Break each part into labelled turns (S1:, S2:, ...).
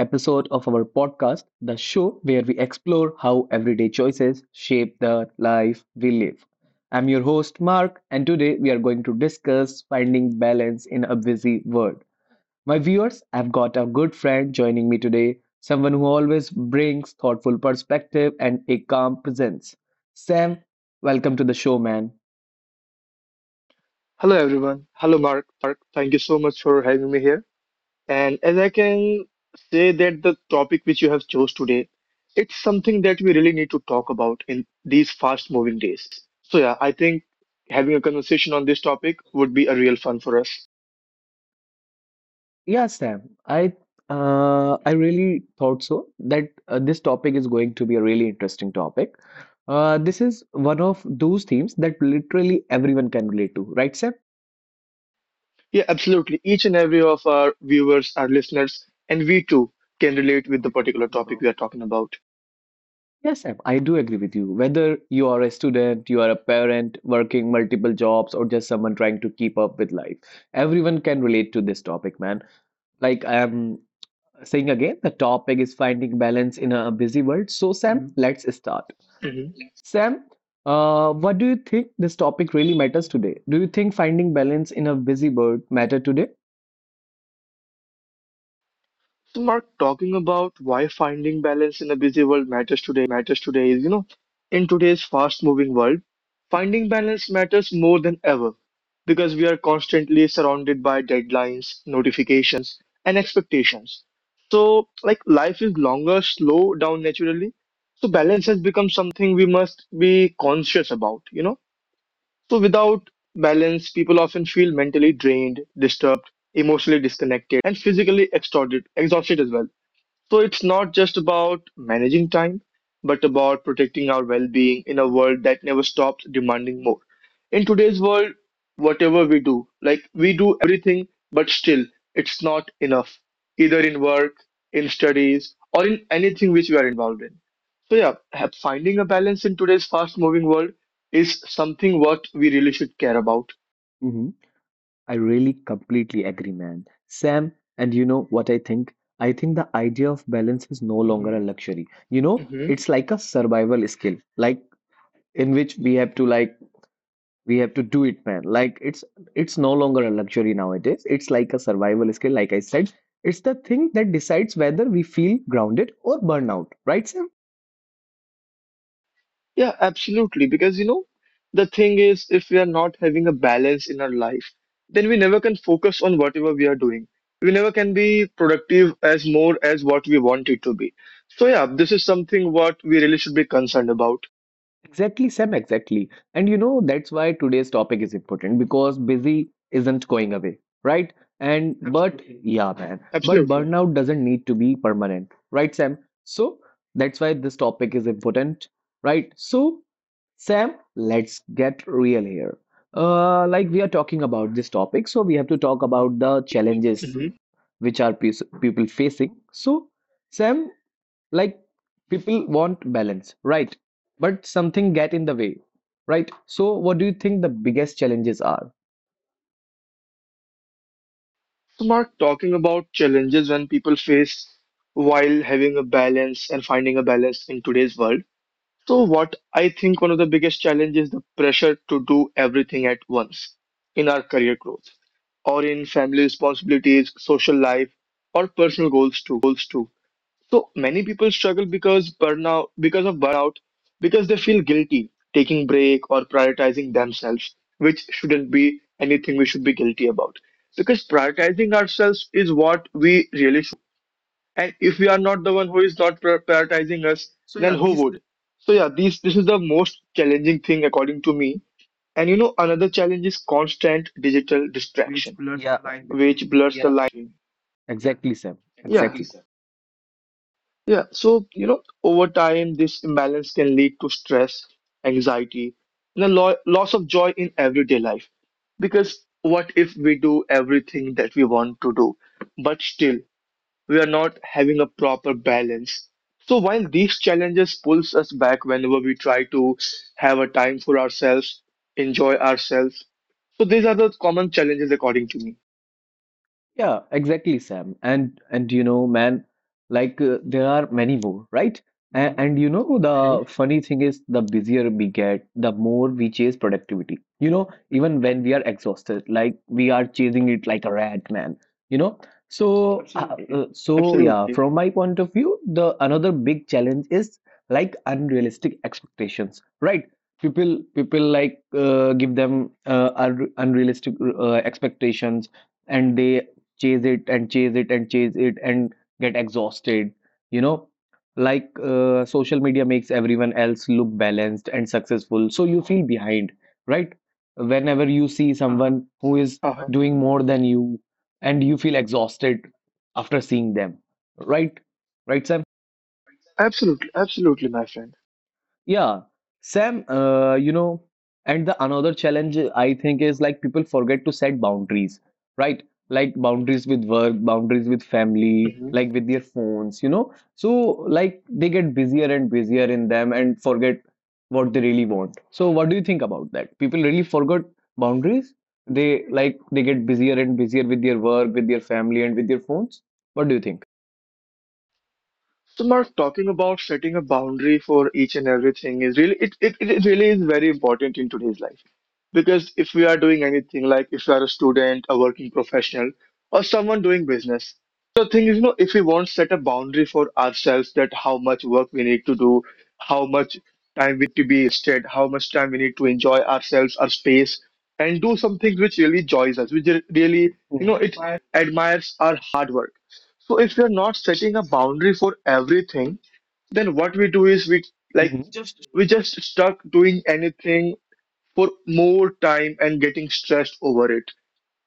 S1: episode of our podcast, the show where we explore how everyday choices shape the life we live. I'm your host, Mark, and today we are going to discuss finding balance in a busy world. My viewers, I've got a good friend joining me today, someone who always brings thoughtful perspective and a calm presence. Sam, welcome to the show, man.
S2: Hello everyone. Hello Mark. Thank you so much for having me here. And as I can say that the topic which you have chose today, it's something that we really need to talk about in these fast moving days. So yeah, I think having a conversation on this topic would be a real fun for us.
S1: Yeah, Sam, I really thought so that this topic is going to be a really interesting topic. This is one of those themes that literally everyone can relate to, right, Sam?
S2: Yeah, absolutely. Each and every of our viewers, our listeners, and we too can relate with the particular topic we are talking about.
S1: Yes, Sam, I do agree with you. Whether you are a student, you are a parent working multiple jobs, or just someone trying to keep up with life, everyone can relate to this topic, man. Like I am saying again, the topic is finding balance in a busy world. So, Sam. Mhm. Let's start.
S2: Mm-hmm.
S1: Sam, what do you think this topic really matters today? Do you think finding balance in a busy world matter today?
S2: So, Mark, talking about why finding balance in a busy world matters today is, in today's fast-moving world, finding balance matters more than ever because we are constantly surrounded by deadlines, notifications, and expectations. So, like, life is longer, slow down naturally. So, balance has become something we must be conscious about. So, without balance, people often feel mentally drained, disturbed, emotionally disconnected, and physically exhausted as well. So it's not just about managing time, but about protecting our well being in a world that never stops demanding more. In today's world, whatever we do, like we do everything, but still it's not enough, either in work, in studies, or in anything which we are involved in. So, yeah, finding a balance in today's fast moving world is something what we really should care about.
S1: Hmm. I really completely agree, man. Sam, and you know what I think? I think the idea of balance is no longer a luxury. You know, it's like a survival skill, like in which we have to do it, man. Like it's no longer a luxury nowadays. It's like a survival skill, like I said. It's the thing that decides whether we feel grounded or burnout, right, Sam?
S2: Yeah, absolutely. Because the thing is, if we are not having a balance in our life, then we never can focus on whatever we are doing. We never can be productive as more as what we want it to be. So, yeah, this is something what we really should be concerned about.
S1: Exactly, Sam, exactly. And you know, that's why today's topic is important because busy isn't going away, right? And but Absolutely. Yeah, man, but
S2: Absolutely.
S1: burnout doesn't need to be permanent, right, Sam? So that's why this topic is important, right? So, Sam, let's get real here. Like we are talking about this topic, so we have to talk about the challenges
S2: hmm
S1: which are people facing. So, Sam, like people want balance, right? But something get in the way, right? So what do you think the biggest challenges are?
S2: So, Mark, talking about challenges when people face while having a balance and finding a balance in today's world, so, what I think one of the biggest challenges is the pressure to do everything at once in our career growth, or in family responsibilities, social life, or personal goals too. So many people struggle because of burnout, because they feel guilty taking break or prioritizing themselves, which shouldn't be anything we should be guilty about. Because prioritizing ourselves is what we really should do, and if we are not the one who is not prioritizing us, then who would? So yeah, these this is the most challenging thing according to me. And another challenge is constant digital distraction
S1: Yeah. Yeah, yeah.
S2: which blurs the line between,
S1: Exactly, Sam,
S2: yeah,
S1: exactly.
S2: yeah. So over time this imbalance can lead to stress, anxiety, and a loss of joy in everyday life, because what if we do everything that we want to do but still we are not having a proper balance. So while these challenges pulls us back whenever we try to have a time for ourselves, enjoy ourselves. So these are the common challenges according to me.
S1: Yeah, exactly, Sam. And you know, man, like there are many more, right? Mhm. And you know,
S2: Mhm.
S1: the funny thing is, the busier we get, the more we chase productivity. You know, even when we are exhausted, like we are chasing it like a rat, man. You know, so Absolutely. So yeah,
S2: Absolutely.
S1: from my point of view, the another big challenge is like unrealistic expectations, right? People like give them unrealistic expectations, and they chase it and chase it and chase it and get exhausted, you know. Like social media makes everyone else look balanced and successful, so you feel behind, right? Whenever you see someone who is
S2: Uh-huh.
S1: doing more than you, and you feel exhausted after seeing them, right? Right.
S2: Absolutely, absolutely, my friend.
S1: Yeah, Sam. You know, and the another challenge I think is like people forget to set boundaries, right? Like boundaries with work, boundaries with family,
S2: Mhm.
S1: like with their phones, you know. So like they get busier and busier in them and forget what they really want. So what do you think about that? People really forgot boundaries? They get busier and busier with their work, with their family, and with their phones. What do you think?
S2: So, Mark, talking about setting a boundary for each and everything is really, it really is very important in today's life. Because if we are doing anything, like if you are a student, a working professional, or someone doing business, so the thing is, if we won't set a boundary for ourselves, that how much work we need to do, how much time we need to be rested, how much time we need to enjoy ourselves, our space, and do some things which really joys us, which really, it admires our hard work. So if we are not setting a boundary for everything, then what we do is, like
S1: Hmm.
S2: we just stuck doing anything for more time and getting stressed over it.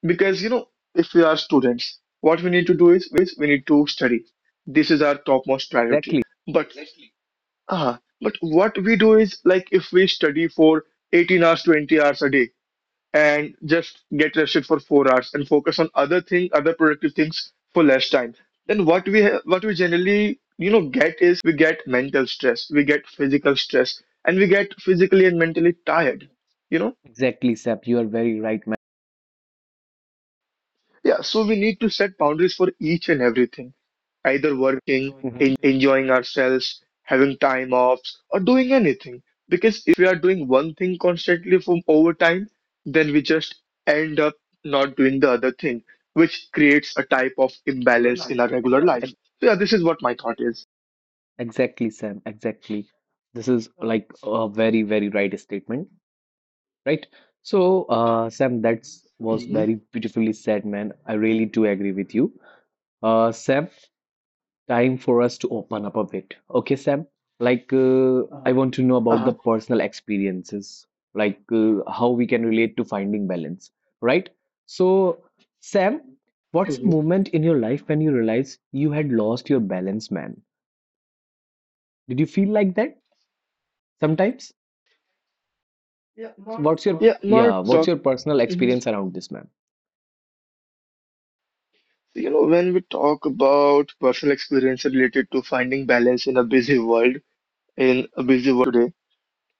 S2: Because if we are students, what we need to do is we need to study. This is our topmost priority.
S1: Exactly,
S2: But but what we do is, like if we study for 18 hours, 20 hours a day and just get rested for 4 hours and focus on other thing, other productive things for less time, then what we generally, get is we get mental stress, we get physical stress, and we get physically and mentally tired, you know?
S1: exactly, Sap. You are very right, man.
S2: Yeah, so we need to set boundaries for each and everything, either working,
S1: Mhm.
S2: enjoying ourselves, having time offs, or doing anything. Because if we are doing one thing constantly from over time, then we just end up not doing the other thing, which creates a type of imbalance in our regular
S1: Ex-
S2: life.
S1: ex-
S2: So yeah, this is what my thought is.
S1: Exactly, Sam. Exactly. This is like a very, very right statement, right? So, Sam, that's was
S2: Hmm.
S1: very beautifully said, man. I really do agree with you. Sam, time for us to open up a bit. Okay, Sam. Like, I want to know about the
S2: Uh-huh.
S1: personal experiences, like how we can relate to finding balance, right? So, Sam, what's a
S2: Hmm.
S1: moment in your life when you realized you had lost your balance, man? Did you feel like that? Sometimes. So what's your
S2: Yeah, more
S1: yeah, what's
S2: talk.
S1: your personal
S2: Mhm.
S1: experience around this, man?
S2: When we talk about personal experience related to finding balance in a busy world, in a busy world like today.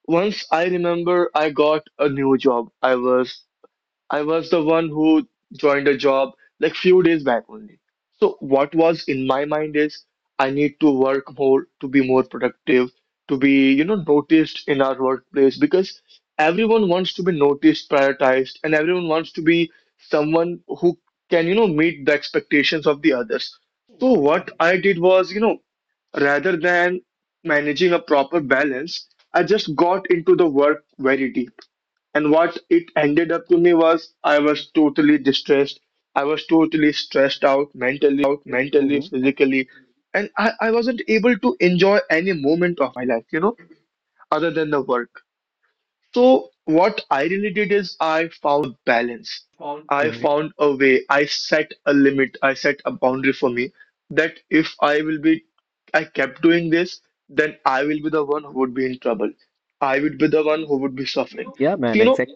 S2: Once I remember I got a new job. I was the one who joined a job like few days back only. So what was in my mind is I need to work more to be more productive, to be noticed in our workplace because everyone wants to be noticed, prioritized, and everyone wants to be someone who can meet the expectations of the others. So what I did was, rather than managing a proper balance, I just got into the work very deep. And what it ended up to me was I was totally distressed. I was totally stressed out mentally,
S1: Hmm.
S2: physically, and I wasn't able to enjoy any moment of my life, other than the work. So, what I really did is I found a balance. I
S1: Hmm.
S2: found a way. I set a limit. I set a boundary for me that if I will be, I kept doing this, then I will be the one who would be in trouble. I would be the one who would be suffering.
S1: Yeah,
S2: So,
S1: man, exactly.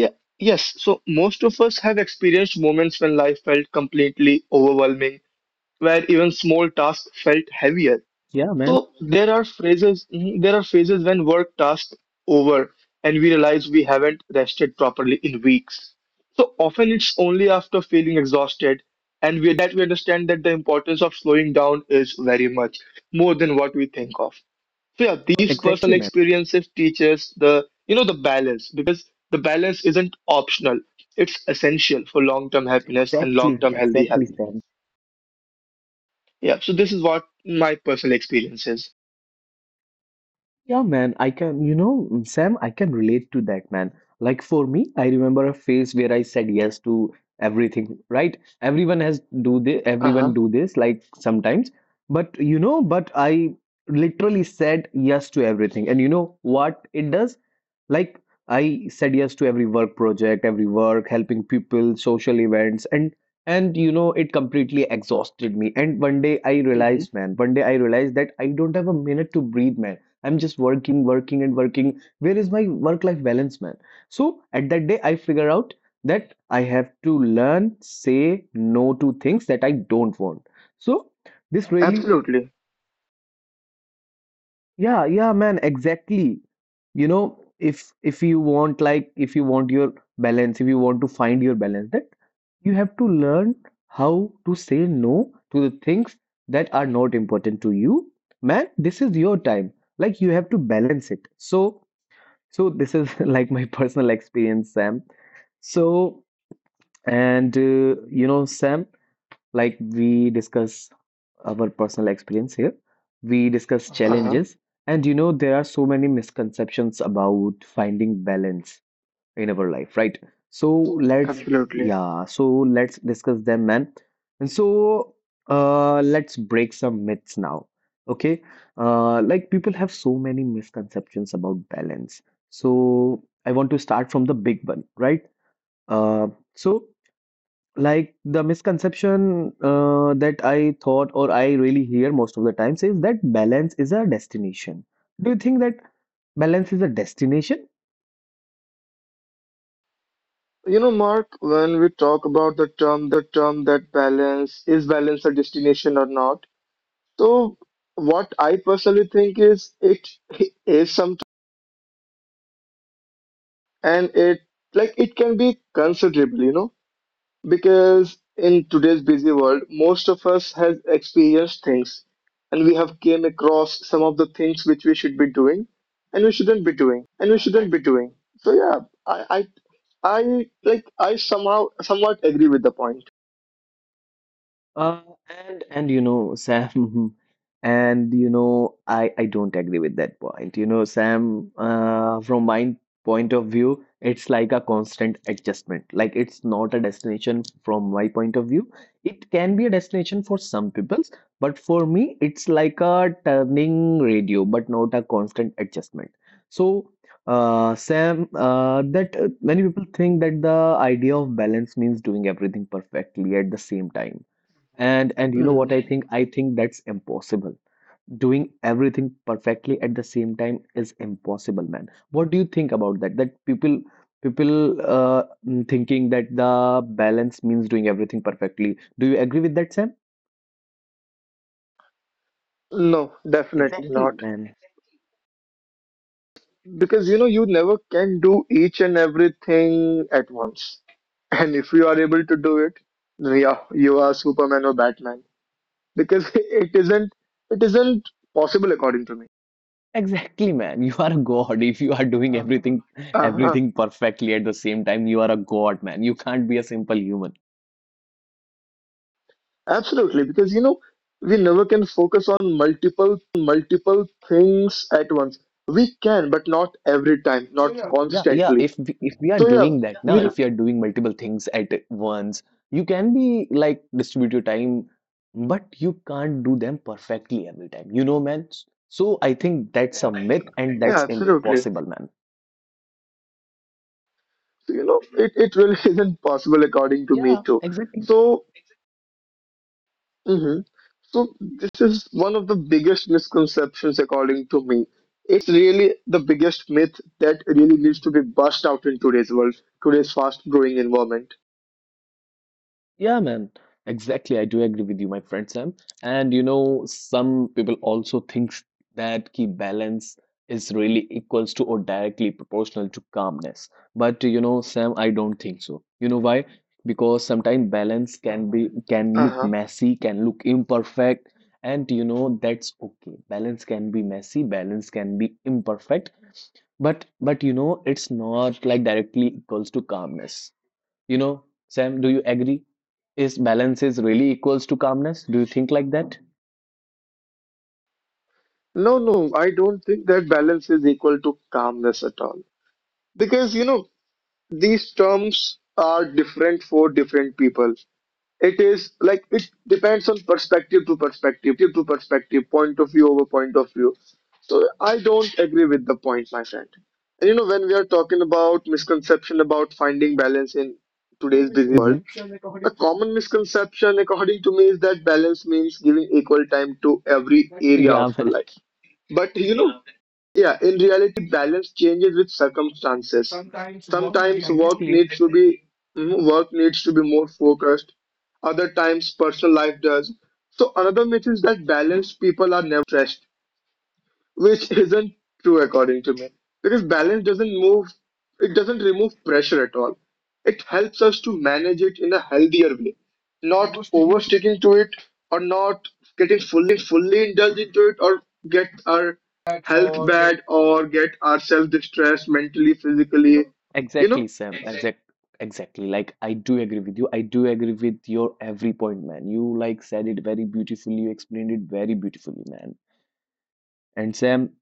S2: yeah, yes. So most of us have experienced moments when life felt completely overwhelming, where even small tasks felt heavier.
S1: Yeah,
S2: So there are phases, mhm, there are phases when work tasks over and we realize we haven't rested properly in weeks. So often it's only after feeling exhausted and we, that we understand that the importance of slowing down is very much more than what we think of. So yeah, these personal
S1: man.
S2: experiences teaches the you know the balance, because the balance isn't optional. It's essential for long-term happiness and
S1: Exactly,
S2: long-term healthy health.
S1: exactly, Sam.
S2: Yeah, so this is what my personal experience is.
S1: Yeah, man, I can, you know, mm, Sam, I can relate to that, man. Like for me, I remember a phase where I said yes to everything, right? Everyone has do this,
S2: Uh-huh.
S1: everyone do this, like sometimes. But I literally said yes to everything. And you know what it does? Like I said yes to every work project, every work, helping people, social events, and you know it completely exhausted me. And one day I
S2: Mhm.
S1: realized, man, one day I realized that I don't have a minute to breathe, man. I'm just working, working, and working. Where is my work-life balance, man? So at that day, I figure out that I have to learn say no to things that I don't want. So this really.
S2: Absolutely.
S1: Yeah, yeah, man, exactly. You know, if you want, like if you want your balance, if you want to find your balance, that you have to learn how to say no to the things that are not important to you. Man, this is your time. Like you have to balance it. So, this is like my personal experience, Sam. So, and you know, Sam, like we discuss our personal experience here. We discuss
S2: Uh-huh.
S1: challenges, and you know, there are so many misconceptions about finding balance in our life, right? So
S2: Absolutely.
S1: yeah, so let's discuss them, man. And so, let's break some myths now, okay? Like people have so many misconceptions about balance. So I want to start from the big one, right? Uh, so like the misconception that I thought or I really hear most of the times is that balance is a destination. Do you think that balance is a destination?
S2: Mark, when we talk about the term that balance, is balance a destination or not? So what I personally think is it is sometimes, and it can be considerable. Because in today's busy world, most of us has experienced things and we have came across some of the things which we should be doing and we shouldn't be doing. So yeah, I I, I like I somehow somewhat agree with the point.
S1: Uh, and you know, Sam, and you know I don't agree with that point. You know, Sam, from my point of view, it's like a constant adjustment. Like it's not a destination from my point of view. It can be a destination for some peoples, but for me, it's like a turning radio, but not a constant adjustment. So, Sam, that many people think that the idea of balance means doing everything perfectly at the same time, and you know
S2: Mhm.
S1: what I think? I think that's impossible. Doing everything perfectly at the same time is impossible, man. What do you think about that? That people thinking that the balance means doing everything perfectly. Do you agree with that, Sam?
S2: No, definitely
S1: Exactly,
S2: not.
S1: man.
S2: Because you never can do each and everything at once. And if you are able to do it, then yeah, you are Superman or Batman. Because it isn't possible according to me.
S1: Exactly, man. You are a god. If you are doing everything
S2: Uh-huh.
S1: everything perfectly at the same time, you are a god, man. You can't be a simple human.
S2: Absolutely, because we never can focus on multiple things at once. We can, but not every time, not
S1: Yeah, yeah.
S2: constantly.
S1: If we are
S2: So yeah,
S1: doing that, now
S2: we
S1: if we are doing multiple things at once, you can be like distribute your time, but you can't do them perfectly every time. You know, man. So I think that's a myth and
S2: yeah,
S1: that's
S2: absolutely.
S1: impossible, man.
S2: So it really isn't possible according to me
S1: Yeah,
S2: too.
S1: exactly.
S2: So hmm So this is one of the biggest misconceptions according to me. It's really the biggest myth that really needs to be bust out in today's world, today's fast-growing environment.
S1: Yeah, man. Exactly. I do agree with you, my friend Sam. And you know, some people also thinks that key balance is really equals to or directly proportional to calmness. But you know, Sam, I don't think so. You know why? Because sometimes balance can look
S2: Uh-huh.
S1: messy, can look imperfect, and you know, that's okay. Balance can be messy, balance can be imperfect, but you know, it's not like directly equals to calmness. You know, Sam, do you agree? Is balance is really equals to calmness? Do you think like that?
S2: No, no, I don't think that balance is equal to calmness at all. Because these terms are different for different people. It is like it depends on perspective to perspective, point of view over point of view. So I don't agree with the point, my friend. And when we are talking about misconception about finding balance in today's busy world,
S1: Mhm.
S2: a common misconception, according to me, is that balance means giving equal time to every area
S1: Yeah,
S2: of your
S1: man.
S2: life. But yeah, in reality, balance changes with circumstances.
S1: Sometimes. Yeah.
S2: Sometimes work
S1: Exactly.
S2: needs to be more focused. Other times, personal life does. So another myth is that balanced people are never stressed, which isn't true according to me, because balance doesn't move it doesn't remove pressure at all. It helps us to manage it in a healthier way, not oversticking to it or not getting fully indulged into it or get our health bad or get ourselves distressed, mentally, physically you know
S1: exactly, Sam. Exactly. Like I do agree with you. I do agree with your every point, man. You like said it very beautifully. You explained it very beautifully, man. And Sam,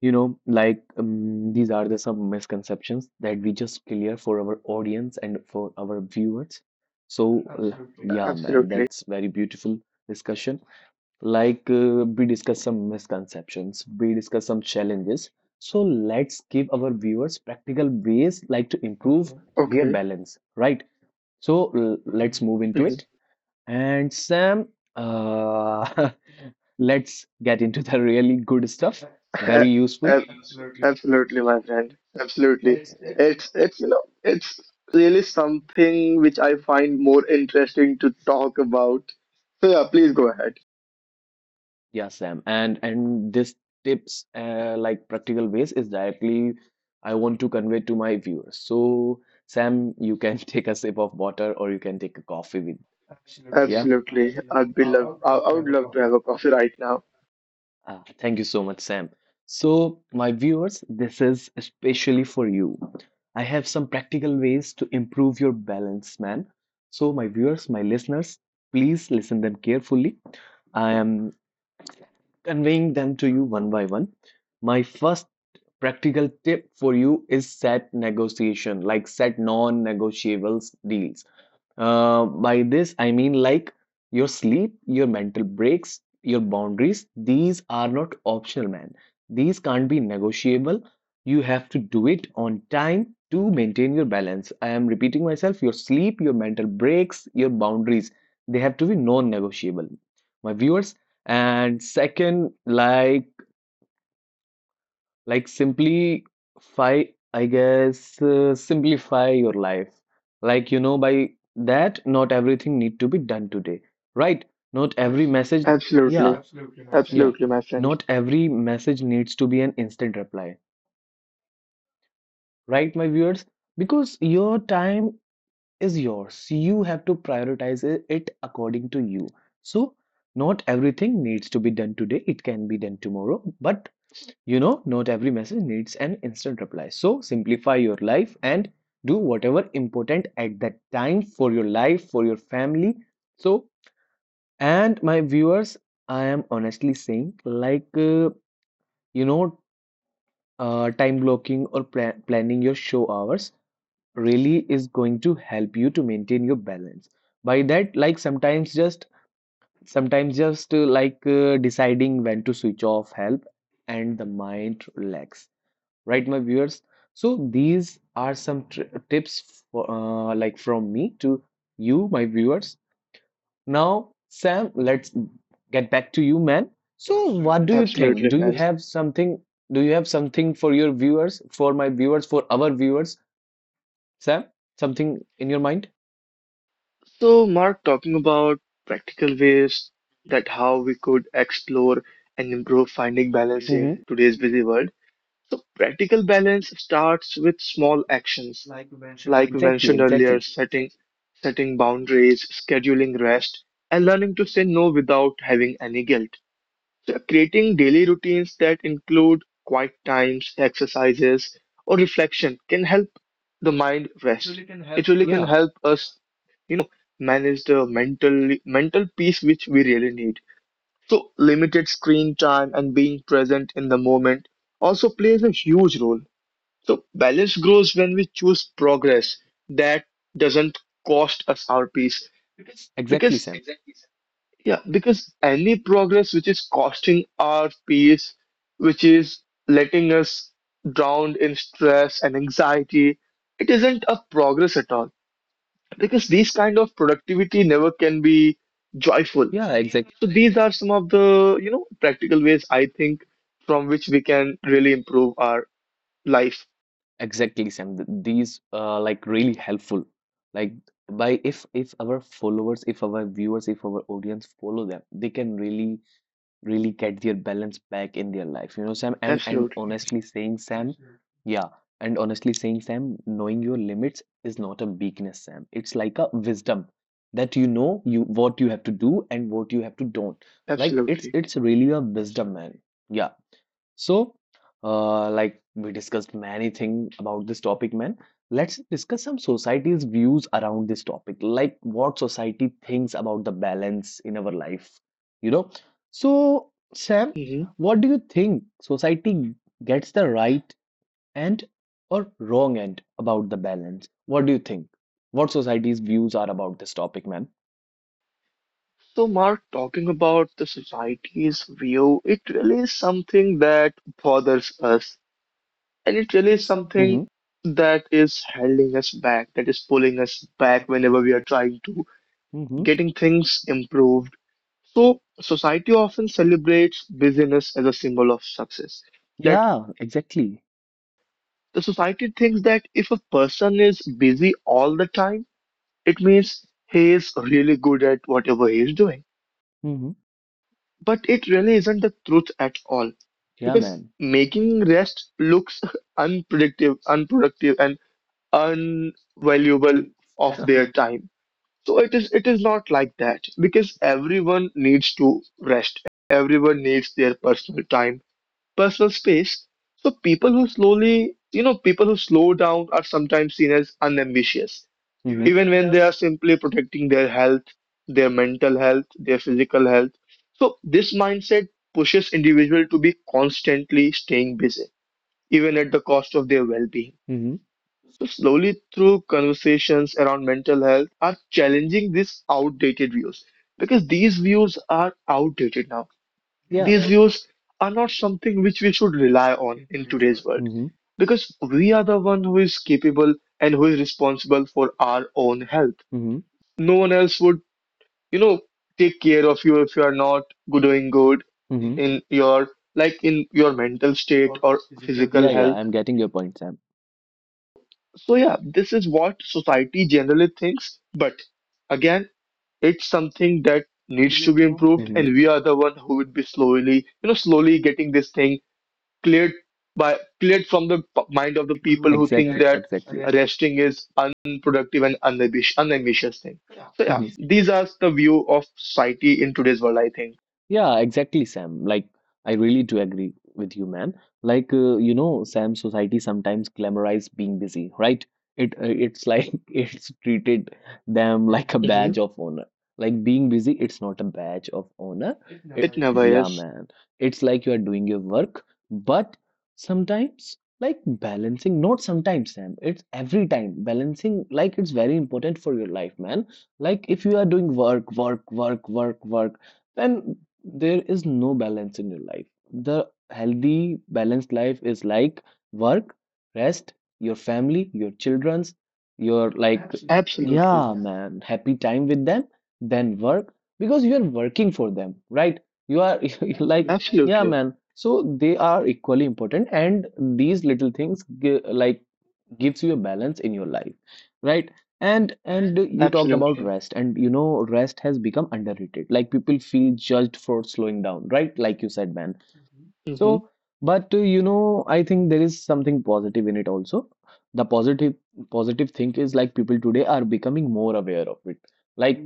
S1: you know, like these are the some misconceptions that we just clear for our audience and for our viewers. So, yeah, man,
S2: Absolutely.
S1: that's very beautiful discussion. Like we discuss some misconceptions, we discuss some challenges. So let's give our viewers practical ways like to improve their
S2: Okay.
S1: balance, right? So let's move into
S2: hmm
S1: it. And Sam, uh, let's get into the really good stuff, very useful.
S2: Absolutely, my friend. Absolutely. It's you know it's really something which I find more interesting to talk about. So yeah, please go ahead.
S1: Yeah, Sam. And this tips like practical ways is directly I want to convey to my viewers. So, Sam, you can take a sip of water or you can take a coffee with. Yeah.
S2: Absolutely. I would love to have a coffee right now.
S1: Ah, thank you so much, Sam. So, my viewers, this is especially for you. I have some practical ways to improve your balance, man. So, my viewers, my listeners, please listen them carefully. I am conveying them to you one by one. My first practical tip for you is set negotiation, like set non negotiables deals. By this, I mean like your sleep, your mental breaks, your boundaries. These are not optional, man. These can't be negotiable. You have to do it on time to maintain your balance. I am repeating myself, your sleep, your mental breaks, your boundaries, they have to be non-negotiable, my viewers. And second, like simplify, I guess, simplify your life. By that, not everything need to be done today, right? Not every message, yeah,
S2: Absolutely.
S1: absolutely, my friend. Yeah.
S2: Absolutely, my friend.
S1: Not every message needs to be an instant reply, right, my viewers? Because your time is yours. You have to prioritize it according to you. So, not everything needs to be done today. It can be done tomorrow, but you know, not every message needs an instant reply. So simplify your life and do whatever important at that time for your life, for your family. So, and my viewers, I am honestly saying, you know, time blocking or planning your show hours really is going to help you to maintain your balance. By that, sometimes just deciding when to switch off help and the mind relax, right, my viewers? So these are some tips for, like from me to you, my viewers. Now, Sam, let's get back to you, man. So what do you think?
S2: Absolutely,
S1: Do you
S2: man.
S1: have something for your viewers, for my viewers, for our viewers, Sam? Something in your mind?
S2: So Mark, talking about practical ways that how we could explore and improve finding balance
S1: Hmm.
S2: in today's busy world. So practical balance starts with small actions like we
S1: Exactly,
S2: mentioned earlier,
S1: exactly.
S2: setting boundaries, scheduling rest, and learning to say no without having any guilt. So creating daily routines that include quiet times, exercises, or reflection can help the mind
S1: It
S2: rest.
S1: really can help.
S2: It really can
S1: Yeah,
S2: help us, you know, manage the mental peace which we really need. So limited screen time and being present in the moment also plays a huge role. So balance grows when we choose progress that doesn't cost us our peace.
S1: exactly,
S2: Because
S1: Sam.
S2: yeah, because any progress which is costing our peace, which is letting us drown in stress and anxiety, it isn't a progress at all. Because these kind of productivity never can be joyful.
S1: Yeah, exactly.
S2: So these are some of the, you know, practical ways I think from which we can really improve our life.
S1: Exactly, Sam. These like really helpful. Like by if our followers, if our viewers, if our audience follow them, they can really really get their balance back in their life, you know, Sam. And
S2: Absolutely.
S1: honestly saying, Sam, yeah. And honestly saying, Sam, knowing your limits is not a weakness, Sam. It's like a wisdom that you know you what you have to do and what you have to don't. Like it's
S2: Absolutely.
S1: it's really a wisdom, man. Yeah. So, like we discussed many things about this topic, man. Let's discuss some society's views around this topic, like what society thinks about the balance in our life, you know. So, Sam,
S2: Mhm.
S1: what do you think? Society gets the right end or wrong end about the balance? What do you think? What society's views are about this topic, man?
S2: So, Mark, talking about the society's view, it really is something that bothers us, and it really is something that is holding us back, that is pulling us back whenever we are trying to
S1: Mm-hmm. Mm-hmm.
S2: getting things improved. So, society often celebrates busyness as a symbol of success. That
S1: Yeah, exactly.
S2: the society thinks that if a person is busy all the time, it means he is really good at whatever he is doing.
S1: Mm-hmm.
S2: But it really isn't the truth at all
S1: Yeah,
S2: because
S1: man.
S2: making rest looks unproductive and unvaluable of their time. So it is not like that because everyone needs to rest, everyone needs their personal time, personal space. So people who slow down are sometimes seen as unambitious, even when
S1: Mm-hmm.
S2: they are simply protecting their health, their mental health, their physical health. So this mindset pushes individual to be constantly staying busy, even at the cost of their well-being.
S1: Hmm.
S2: So slowly through conversations around mental health are challenging these outdated views, because these views are outdated now.
S1: Yeah.
S2: These views are not something which we should rely on in today's world,
S1: Mm-hmm.
S2: because we are the one who is capable and who is responsible for our own health.
S1: Mm-hmm.
S2: No one else would, you know, take care of you if you are not doing good
S1: Mm-hmm.
S2: in your, like, in your mental state or physical.
S1: Yeah,
S2: Yeah,
S1: yeah,
S2: health.
S1: I'm getting your point, Sam.
S2: So yeah, this is what society generally thinks, but again, it's something that needs to be improved,
S1: Mm-hmm.
S2: and we are the one who would be slowly, you know, slowly getting this thing cleared by cleared from the mind of the people who think
S1: Exactly,
S2: that
S1: exactly.
S2: resting is unproductive and unambitious thing. So yeah,
S1: Mm-hmm.
S2: these are the view of society in today's world. I think
S1: Yeah, exactly, Sam. Like, I really do agree with you, man. Sam, society sometimes glamorize being busy, right? It's like it's treated them like a
S2: hmm
S1: badge of honor. Like being busy, it's not a badge of honor. It never
S2: it
S1: It- is.
S2: never
S1: Yeah,
S2: is.
S1: man. It's like you are doing your work, but sometimes, like balancing, not sometimes, Sam. It's every time balancing. Like, it's very important for your life, man. Like, if you are doing work, work, work, work, work, then there is no balance in your life. The healthy, balanced life is like work, rest, your family, your children's, your like,
S2: Absolutely,
S1: yeah,
S2: man.
S1: man, happy time with them, then work because you are working for them, right? You are like, yeah,
S2: Absolutely,
S1: man. So they are equally important, and these little things, like gives you a balance in your life, right? And you talked about
S2: absolutely.
S1: rest, and you know, rest has become underrated. Like people feel judged for slowing down, right, like you said, man?
S2: Hmm.
S1: So, but you know, I think there is something positive in it also. The positive thing is like people today are becoming more aware of it. Like,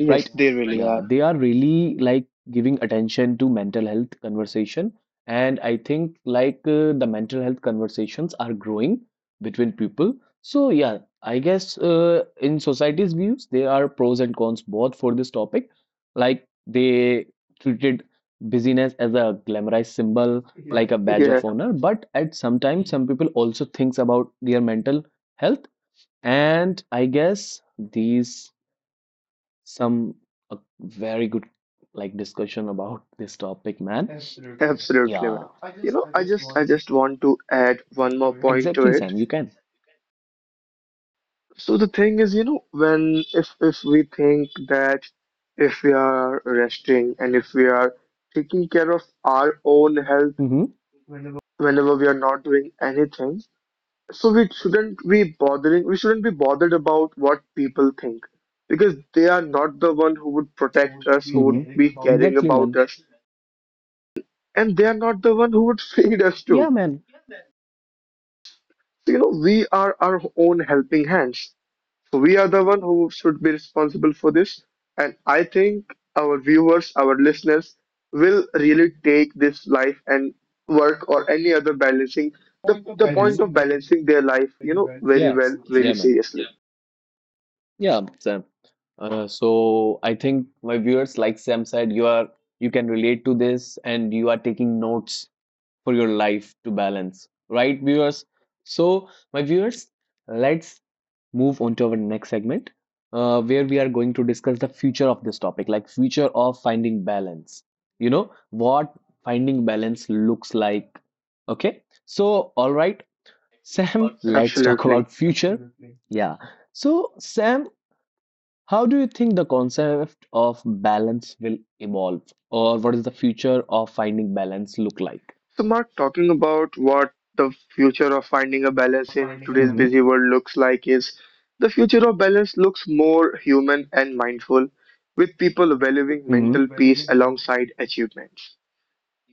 S2: Yes,
S1: right?
S2: they really
S1: Yeah,
S2: are.
S1: they are really like giving attention to mental health conversation, and I think the mental health conversations are growing between people. So yeah, I guess in society's views, there are pros and cons both for this topic. Like they treated busyness as a glamorized symbol like a badge
S2: Yeah,
S1: of honor, but at sometimes some people also thinks about their mental health, and I guess these some a very good like discussion about this topic, man.
S2: absolutely, man.
S1: Yeah,
S2: You know, I just want to add one more point to
S1: exactly,
S2: it.
S1: Sam. You can.
S2: So the thing is, you know, when if we think that if we are resting and if we are taking care of our own health
S1: Mm-hmm.
S2: whenever we are not doing anything, so we shouldn't be bothering, we shouldn't be bothered about what people think, because they are not the one who would protect us, who would be
S1: Mm-hmm.
S2: caring
S1: Exactly,
S2: about
S1: man.
S2: us, and they are not the one who would feed us
S1: Yeah,
S2: too.
S1: man.
S2: So, you know, we are our own helping hands. So we are the one who should be responsible for this. And I think our viewers, our listeners will really take this life and work or any other balancing the point of
S1: Mm-hmm.
S2: balancing their life, you know, very
S1: Yeah,
S2: well,
S1: yeah,
S2: very
S1: man.
S2: seriously.
S1: Yeah, Sam. So I think, my viewers, like Sam said, you can relate to this and you are taking notes for your life to balance, right, viewers? So my viewers, let's move on to our next segment, where we are going to discuss the future of this topic, like future of finding balance. You know what finding balance looks like. Okay, so all right, Sam, let's talk
S2: Absolutely.
S1: about future. Yeah. So, Sam, how do you think the concept of balance will evolve, or what is the future of finding balance look like?
S2: So, Mark, talking about what the future of finding a
S1: Of
S2: balance in today's
S1: hmm.
S2: busy world looks like is the future of balance looks more human and mindful, with people valuing
S1: Mm-hmm.
S2: mental peace alongside achievements.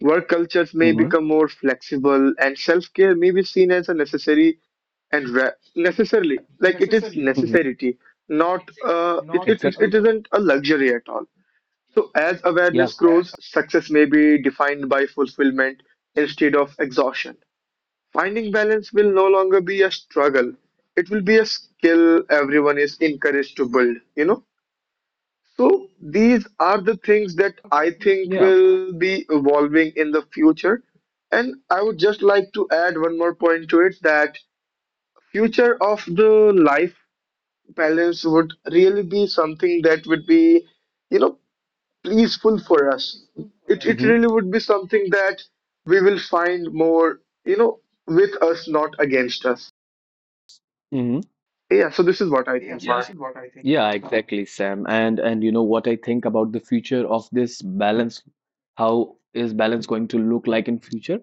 S2: Work cultures may
S1: Hmm.
S2: become more flexible, and self-care may be seen as a necessary and necessarily, like, it is
S1: Hmm.
S2: necessity, not it, it
S1: Exactly.
S2: it isn't a luxury at all. So as
S1: Yeah.
S2: awareness grows, success may be defined by fulfillment instead of exhaustion. Finding balance will no longer be a struggle; it will be a skill everyone is encouraged to build. You know. So these are the things that I think
S1: Yeah.
S2: will be evolving in the future. And I would just like to add one more point to it, that future of the life balance would really be something that would be, you know, pleaseful for us. It
S1: Hmm.
S2: really would be something that we will find more, you know, with us, not against us.
S1: Hmm.
S2: Yeah, so this is what I think, Mark.
S1: Yeah, exactly, Sam. And you know what I think about the future of this balance? How is balance going to look like in future?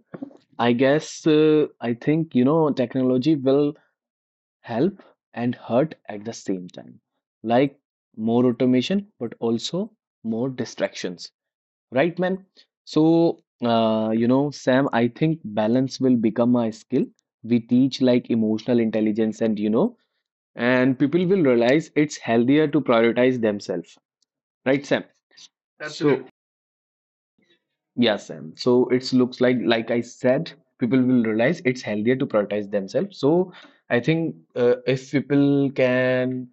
S1: I guess I think, you know, technology will help and hurt at the same time, like more automation but also more distractions, right, man? So you know, Sam, I think balance will become a skill we teach, like emotional intelligence. And you know, and people will realize it's healthier to prioritize themselves, right, Sam? So yeah, Sam, so it looks like I said, people will realize it's healthier to prioritize themselves. So I think if people can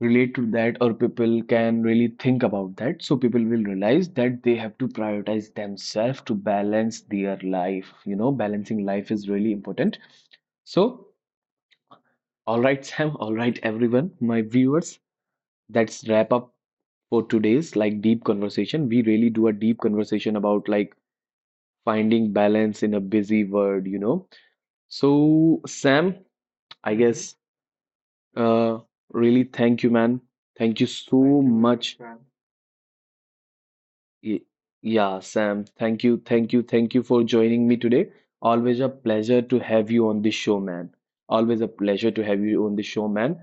S1: relate to that or people can really think about that, so people will realize that they have to prioritize themselves to balance their life. You know, balancing life is really important. So, all right, Sam, all right, everyone, my viewers, that's wrap up for today's like deep conversation. We really do a deep conversation about like finding balance in a busy world, you know. So, Sam, I guess uh really thank you, man. Thank you so much. Y- Yeah, Sam, thank you, thank you, thank you for joining me today. Always a pleasure to have you on the show, man. Always a pleasure to have you on the show, man.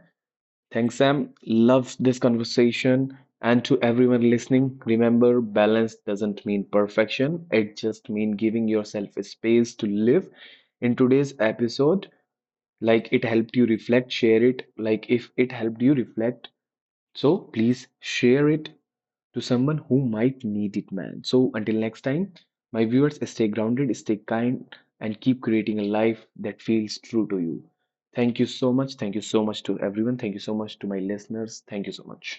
S1: Thanks, Sam. Loves this conversation. And to everyone listening, remember balance doesn't mean perfection. It just means giving yourself a space to live. In today's episode, like it helped you reflect, share it. Like if it helped you reflect, so please share it to someone who might need it, man. So until next time, my viewers, stay grounded, stay kind, and keep creating a life that feels true to you. Thank you so much. Thank you so much to everyone. Thank you so much to my listeners. Thank you so much.